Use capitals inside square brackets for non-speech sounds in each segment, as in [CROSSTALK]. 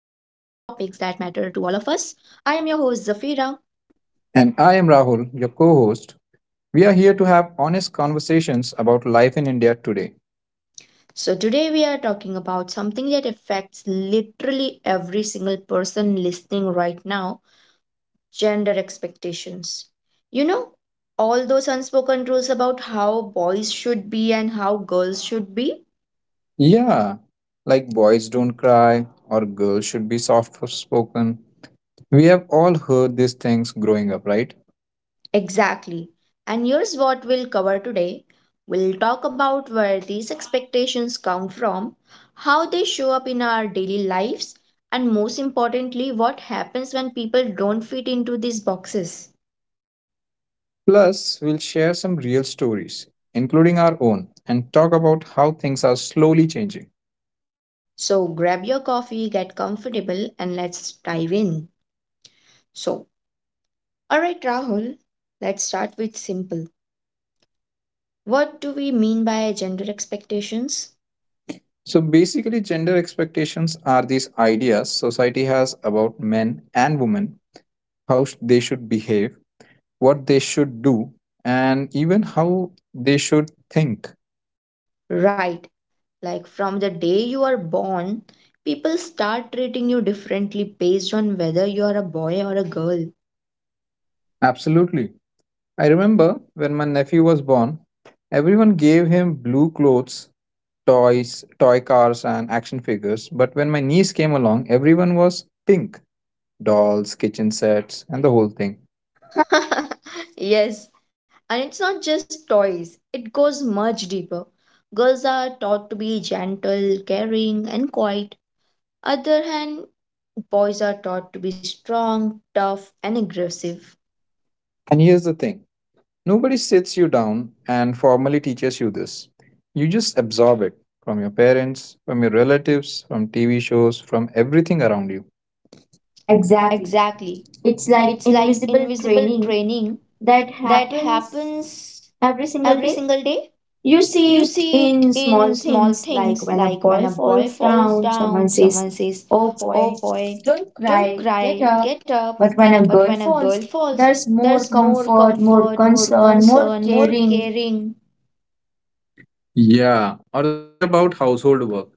matter to all of us. I am your host Zafira. And I am Rahul, your co host. We are here to have honest conversations about life in India today. So today we are talking about something that affects literally every single person listening right now, gender expectations. You know, all those unspoken rules about how boys should be and how girls should be. Yeah, like boys don't cry or girls should be soft spoken. We have all heard these things growing up, right? Exactly. And here's what we'll cover today. We'll talk about where these expectations come from, how they show up in our daily lives, and most importantly, what happens when people don't fit into these boxes. Plus, we'll share some real stories, including our own, and talk about how things are slowly changing. So grab your coffee, get comfortable, and let's dive in. So, all right, Rahul, let's start with simple. What do we mean by gender expectations? So, basically, gender expectations are these ideas society has about men and women, how they should behave, what they should do, and even how they should think. Right. Like from the day you are born, people start treating you differently based on whether you are a boy or a girl. Absolutely. I remember when my nephew was born, everyone gave him blue clothes, toys, toy cars, and action figures. But when my niece came along, everyone was pink dolls, kitchen sets, and the whole thing. [LAUGHS] Yes. And it's not just toys, it goes much deeper. Girls are taught to be gentle, caring, and quiet. Other hand, boys are taught to be strong, tough, and aggressive. And here's the thing, nobody sits you down and formally teaches you this. You just absorb it from your parents, from your relatives, from TV shows, from everything around you. Exactly. Exactly. It's like It's like invisible invisible training training that that happens happens every single every day. single day. You see You it see it in small in small things like things when a like when boy a boy falls falls down, someone down, says, someone says, "Oh boy, "Oh boy, don't don't cry, get cry, up." get up." But when a But girl when a falls, girl falls, that. there's more comfort, more concern, more caring. [LAUGHS] Yeah, or think about household work.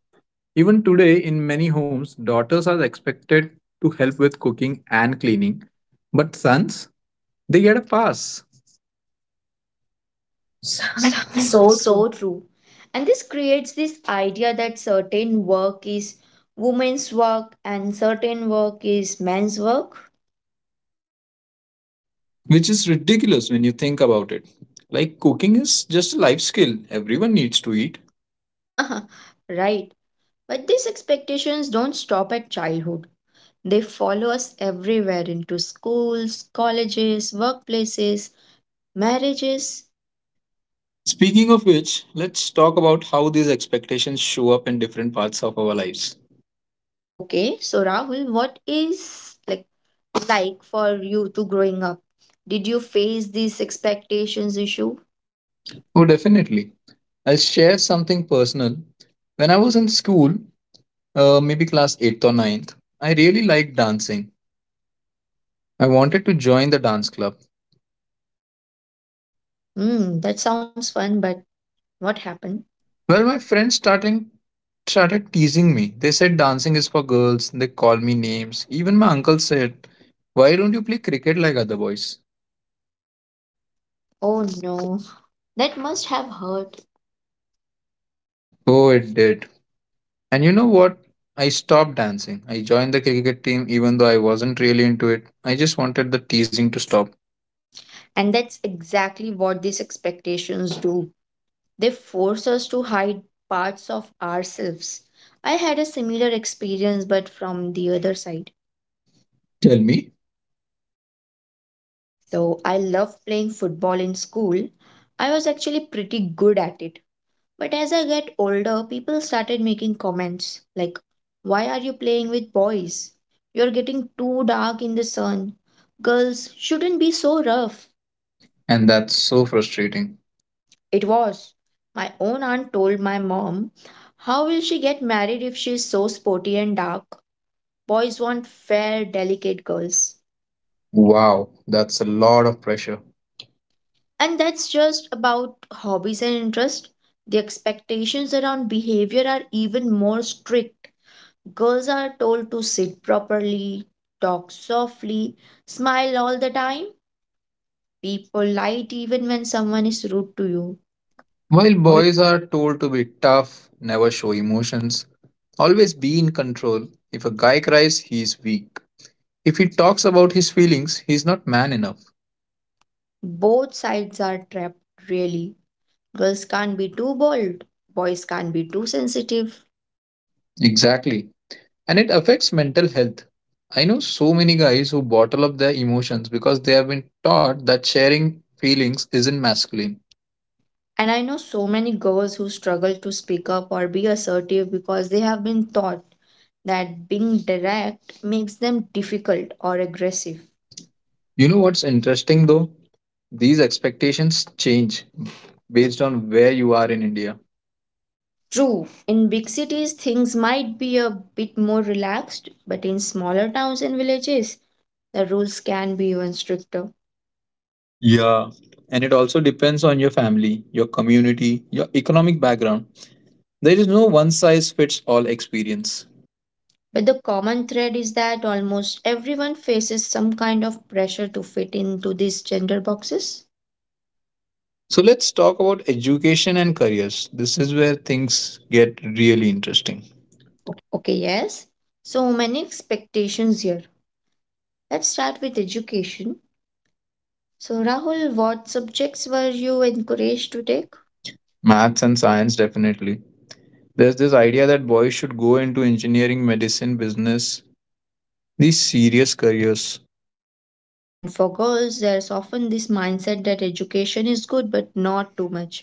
Even today, in many homes, daughters are expected to help with cooking and cleaning, but sons, they get a pass. So, [LAUGHS] so true. And this creates this idea that certain work is women's work and certain work is men's work. Which is ridiculous when you think about it. Like, cooking is just a life skill, everyone needs to eat. [LAUGHS] Right. But these expectations don't stop at childhood. They follow us everywhere, into schools, colleges, workplaces, marriages. Speaking of which, let's talk about how these expectations show up in different parts of our lives. Okay, so Rahul, what is like for you to growing up? Did you face these expectations issue? Oh, definitely. I'll share something personal. When I was in school, maybe class 8th or ninth, I really liked dancing. I wanted to join the dance club. Hmm, that sounds fun, but what happened? Well, my friends starting started teasing me. They said dancing is for girls. They called me names. Even my uncle said, "Why don't you play cricket like other boys?" Oh no, that must have hurt. Oh, it did. And you know what? I stopped dancing. I joined the cricket team even though I wasn't really into it. I just wanted the teasing to stop. And that's exactly what these expectations do. They force us to hide parts of ourselves. I had a similar experience, but from the other side. Tell me. So I love playing football in school. I was actually pretty good at it. But as I get older, people started making comments like, "Why are you playing with boys? You're getting too dark in the sun. Girls shouldn't be so rough." And that's so frustrating. It was. My own aunt told my mom, "How will she get married if she's so sporty and dark? Boys want fair, delicate girls." Wow, that's a lot of pressure. And that's just about hobbies and interest. The expectations around behavior are even more strict. Girls are told to sit properly, talk softly, smile all the time, be polite even when someone is rude to you. While Why? boys are told to be tough, never show emotions, always be in control. If a guy cries, he's weak. If he talks about his feelings, he's not man enough. Both sides are trapped, really. Girls can't be too bold, boys can't be too sensitive. Exactly. And it affects mental health. I know so many guys who bottle up their emotions because they have been taught that sharing feelings isn't masculine. And I know so many girls who struggle to speak up or be assertive because they have been taught that being direct makes them difficult or aggressive. You know what's interesting though? These expectations change based on where you are in India. True, in big cities things might be a bit more relaxed, but in smaller towns and villages the rules can be even stricter. Yeah. And it also depends on your family, your community, your economic background. There is no one size fits all experience. But the common thread is that almost everyone faces some kind of pressure to fit into these gender boxes. So let's talk about education and careers. This is where things get really interesting. Okay, yes. So many expectations here. Let's start with education. So, Rahul, what subjects were you encouraged to Like, take? maths and science, definitely. There's this idea that boys should go into engineering, medicine, business, these serious careers. And for girls, there's often this mindset that education is good but not too much.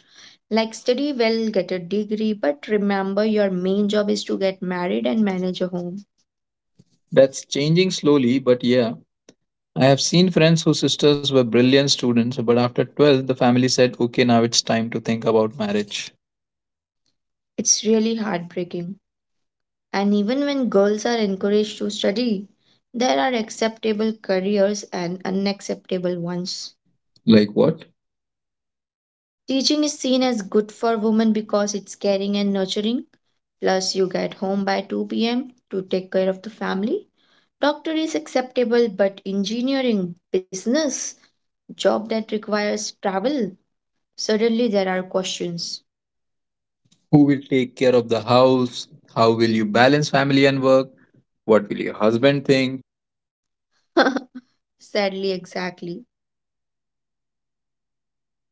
Like, study well, get a degree, but remember your main job is to get married and manage a home. That's changing slowly, but yeah, I have seen friends whose sisters were brilliant students, but after 12th, the family said, okay, now it's time to think about marriage. It's really heartbreaking. And even when girls are encouraged to study, there are acceptable careers and unacceptable ones. Like what? Teaching is seen as good for women because it's caring and nurturing. Plus, you get home by 2 p.m. to take care of the family. Doctor is acceptable, but engineering, business, job that requires travel, suddenly there are questions. Who will take care of the house? How will you balance family and work? What will your husband think? [LAUGHS] Sadly, exactly.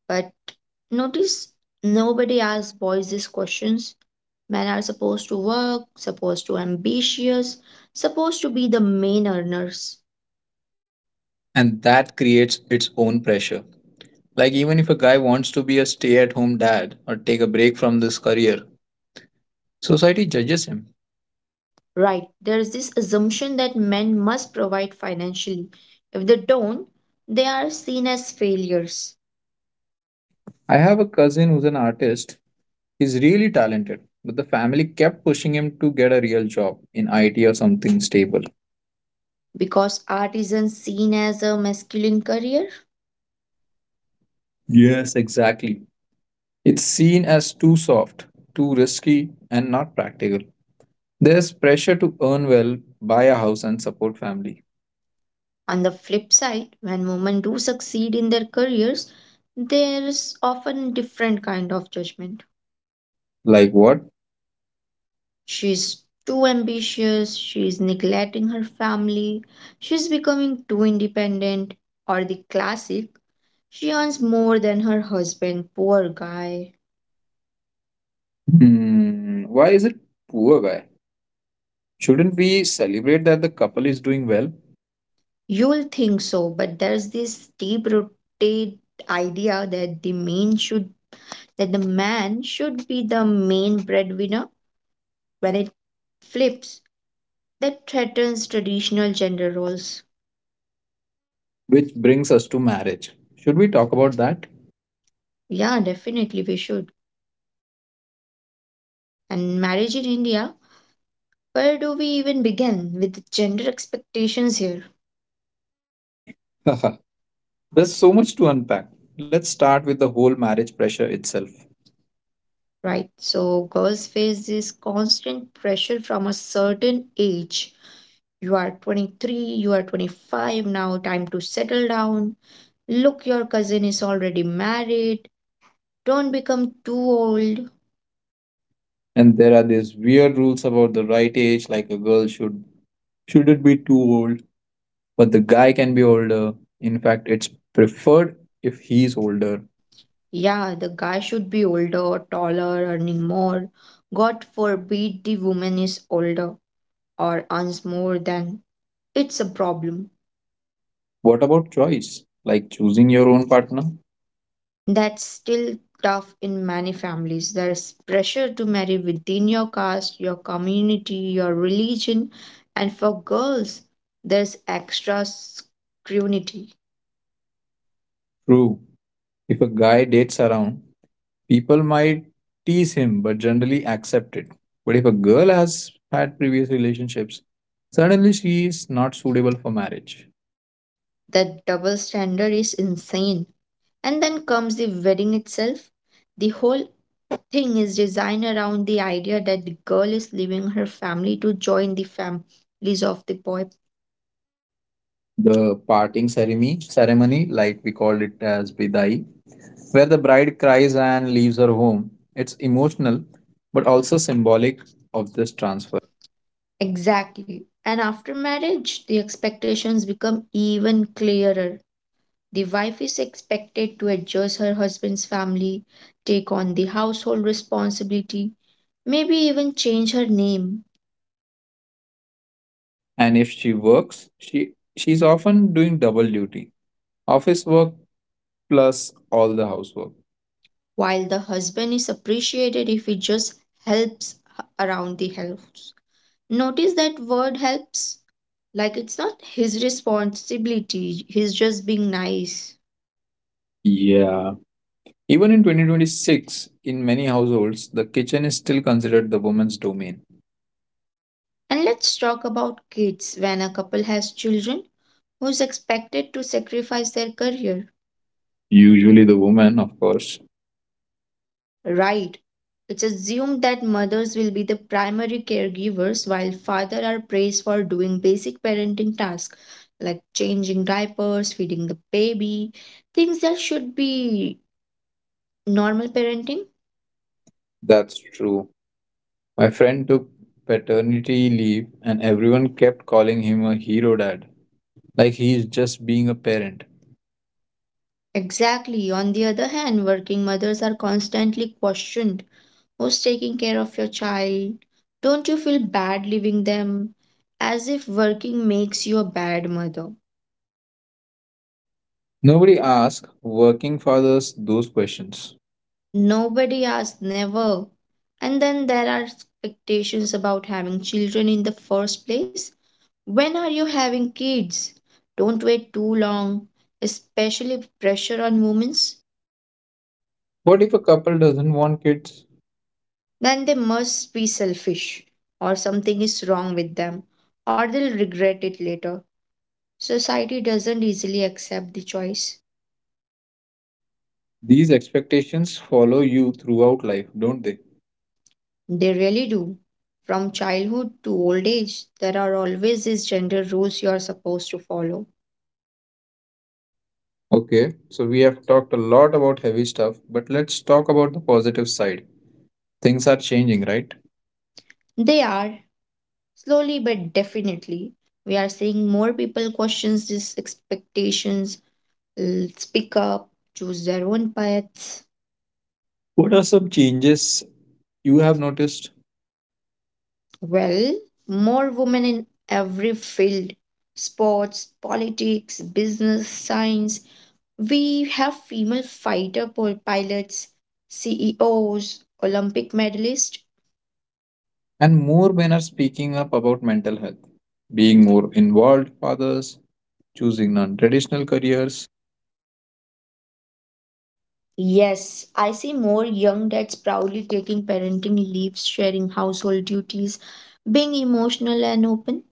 But notice, nobody asks boys these questions. Men are supposed to work, supposed to ambitious, supposed to be the main earners. And that creates its own pressure. Like, even if a guy wants to be a stay at home dad or take a break from this career, society judges him. Right. There is this assumption that men must provide financially. If they don't, they are seen as failures. I have a cousin who's an artist. He's really talented, but the family kept pushing him to get a real job in IT or something stable. Because art isn't seen as a masculine career. Yes, exactly. It's seen as too soft, too risky, and not practical. There's pressure to earn well, buy a house, and support family. On the flip side, when women do succeed in their careers, there's often different kind of judgment. Like what? She's too ambitious, she's neglecting her family, she's becoming too independent, or the classic, she earns more than her husband, poor guy. Hmm, why is it poor guy? Shouldn't we celebrate that the couple is doing well? You'll think so, but there's this deep rooted idea that the men should that the man should be the main breadwinner when it flips, that threatens traditional gender roles. Which brings us to marriage. Should we talk about that? Yeah, definitely we should. And marriage in India, where do we even begin with the gender expectations here? Haha, there's so much to unpack. Let's start with the whole marriage pressure itself. Right, so girls face this constant pressure from a certain age. You are 23, you are 25, now time to settle down. Look, your cousin is already married, don't become too old. And there are these weird rules about the right age, like a girl should shouldn't be too old, but the guy can be older. In fact, it's preferred if he's older. Yeah, the guy should be older, taller, earning more. God forbid the woman is older or earns more than. It's a problem. What about choice? Like choosing your own partner? That's still tough in many families. There's pressure to marry within your caste, your community, your religion, and for girls, there's extra scrutiny. True. If a guy dates around, people might tease him but generally accept it. But if a girl has had previous relationships, suddenly she is not suitable for marriage. That double standard is insane. And then comes the wedding itself. The whole thing is designed around the idea that the girl is leaving her family to join the families of the boy. The parting ceremony, like we called it as bidai, where the bride cries and leaves her home. It's emotional but also symbolic of this transfer. Transfer. Exactly. And after marriage, the expectations become even clearer. The wife is expected to adjust her husband's family, take on the household responsibility, maybe even change her name, And if she works, she's often doing double duty. Office work plus all the housework. while the husband is appreciated if he just helps around the house. Notice that word helps. Like it's not his responsibility, he's just being nice. Yeah. Even in 2026, in many households, the kitchen is still considered the woman's domain. And let's talk about kids. When a couple has children, who's expected to sacrifice their career? Usually the woman, of course. Right. It's assumed that mothers will be the primary caregivers while fathers are praised for doing basic parenting tasks like changing diapers, feeding the baby, things that should be normal parenting. That's true. My friend took paternity leave and everyone kept calling him a hero dad, like he's just being a parent. Exactly. On the other hand, working mothers are constantly questioned. Who's taking care of your child? Don't you feel bad leaving them? As if working makes you a bad mother. Nobody asks working fathers those questions. Nobody asks, never. And then there are expectations about having children in the first place. When are you having kids? Don't wait too long, especially pressure on women. What if a couple doesn't want kids? Then they must be selfish, or something is wrong with them, or they'll regret it later. Society doesn't easily accept the choice. These expectations follow you throughout life, don't they? They really do. From childhood to old age, there are always these gender rules you are supposed to follow. Okay, so we have talked a lot about heavy stuff, but let's talk about the positive side. Things are changing, right? They are, slowly but definitely, we are seeing more people question these expectations, speak up, choose their own paths. What are some changes you have noticed? Well, more women in every field: sports, politics, business, science. We have female fighter pilots, CEOs, Olympic medalists. And more men are speaking up about mental health, being more involved fathers, choosing non traditional careers. Yes, I see more young dads proudly taking parenting leaves, sharing household duties, being emotional and open.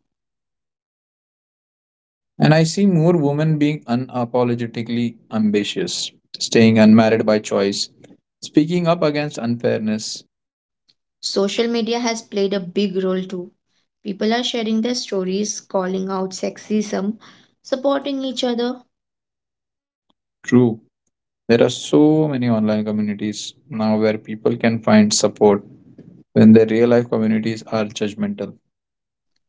And I see more women being unapologetically ambitious, staying unmarried by choice, speaking up against unfairness. Social media has played a big role too. People are sharing their stories, calling out sexism, supporting each other. True, there are so many online communities now where people can find support when their real life communities are judgmental.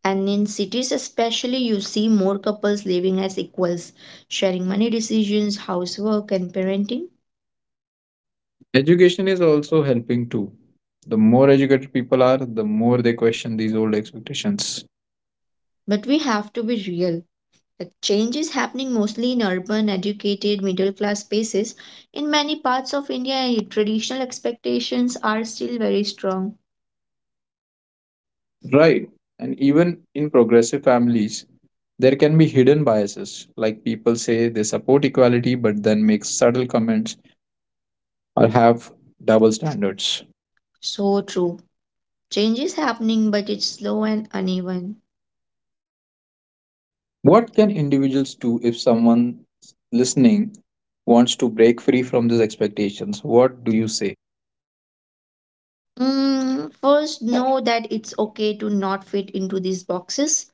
And in cities, especially, you see more couples living as equals, sharing money decisions, housework, and parenting. Education is also helping too. The more educated people are, the more they question these old expectations. But we have to be real. The change is happening mostly in urban, educated, middle class spaces. In many parts of India, traditional expectations are still very strong. Right. And even in progressive families, there can be hidden biases. Like people say they support equality but then make subtle comments or have double standards. So true. Change is happening, but it's slow and uneven. What can individuals do if someone listening wants to break free from these expectations? What do you say? First, know that it's okay to not fit into these boxes.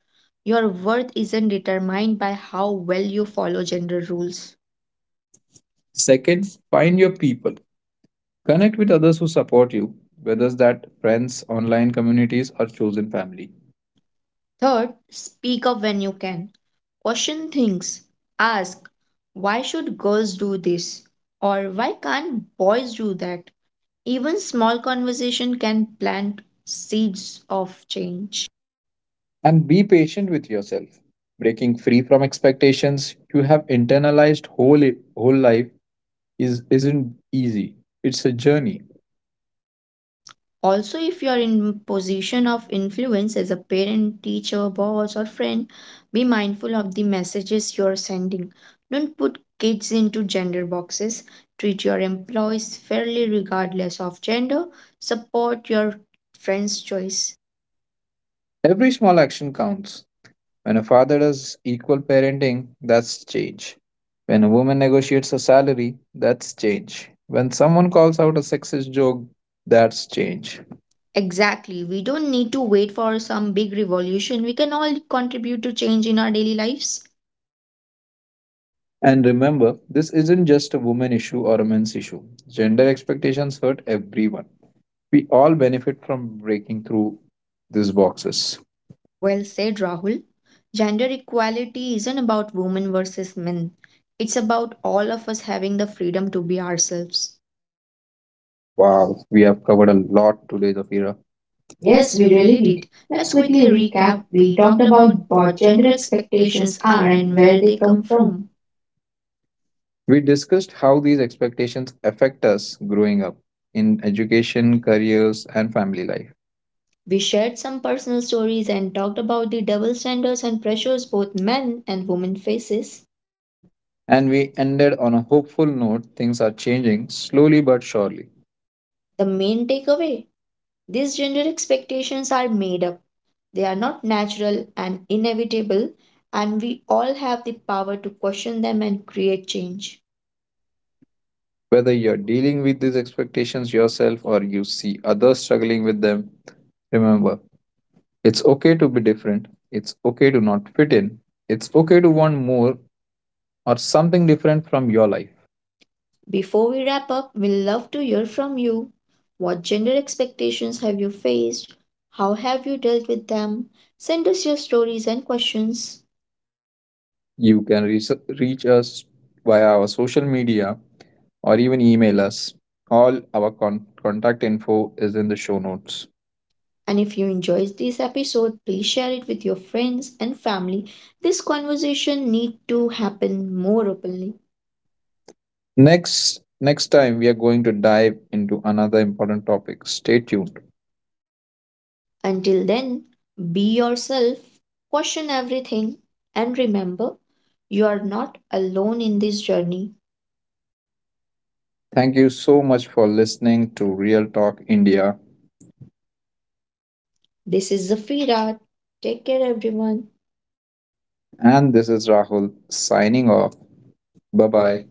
Your worth isn't determined by how well you follow gender rules. Second, find your people. Connect with others who support you, whether that friends, online communities, or chosen family. Third, speak up when you can. Question things. Ask, why should girls do this? Or why can't boys do that? Even small conversation can plant seeds of change. And be patient with yourself. Breaking free from expectations you have internalized whole life isn't easy. It's a journey. Also, if you are in position of influence as a parent, teacher, boss, or friend, be mindful of the messages you are sending. Don't put kids into gender boxes, treat your employees fairly regardless of gender, support your friends choice. Every small action counts. When a father does equal parenting, that's change. When a woman negotiates a salary, that's change. When someone calls out a sexist joke, that's change. Exactly, we don't need to wait for some big revolution, we can all contribute to change in our daily lives. And remember, this isn't just a woman issue or a men's issue. Gender expectations hurt everyone. We all benefit from breaking through these boxes. Well said, Rahul. Gender equality isn't about women versus men. It's about all of us having the freedom to be ourselves. Wow, we have covered a lot today, Zafira. Yes, Yes, we we really really did. did. Let's Let's quickly quickly recap. recap. We We talked talked about about what what gender gender expectations expectations are are and and where where they they come come from. from. We discussed how these expectations affect us growing up in education, careers, and family life. We shared some personal stories and talked about the double standards and pressures both men and women faces. And we ended on a hopeful note, things are changing slowly but surely. The main takeaway, these gender expectations are made up. They are not natural and inevitable, and we all have the power to question them and create change. Whether you're dealing with these expectations yourself or you see others struggling with them, remember, it's okay to be different, it's okay to not fit in, it's okay to want more, or something different from your life. Before we wrap up, we'd love to hear from you. What gender expectations have you faced? How have you dealt with them? Send us your stories and questions. You can reach, reach us via our social media or even email us. All our contact info is in the show notes. And if you enjoyed this episode, please share it with your friends and family. This conversation needs to happen more openly. Next next time we are going to dive into another important topic. Stay tuned. Until then, be yourself, question everything, and remember, you are not alone in this journey. Thank you so much for listening to Real Talk India This is Zafira. Take care, everyone. and this is Rahul signing off. Bye Bye bye. bye.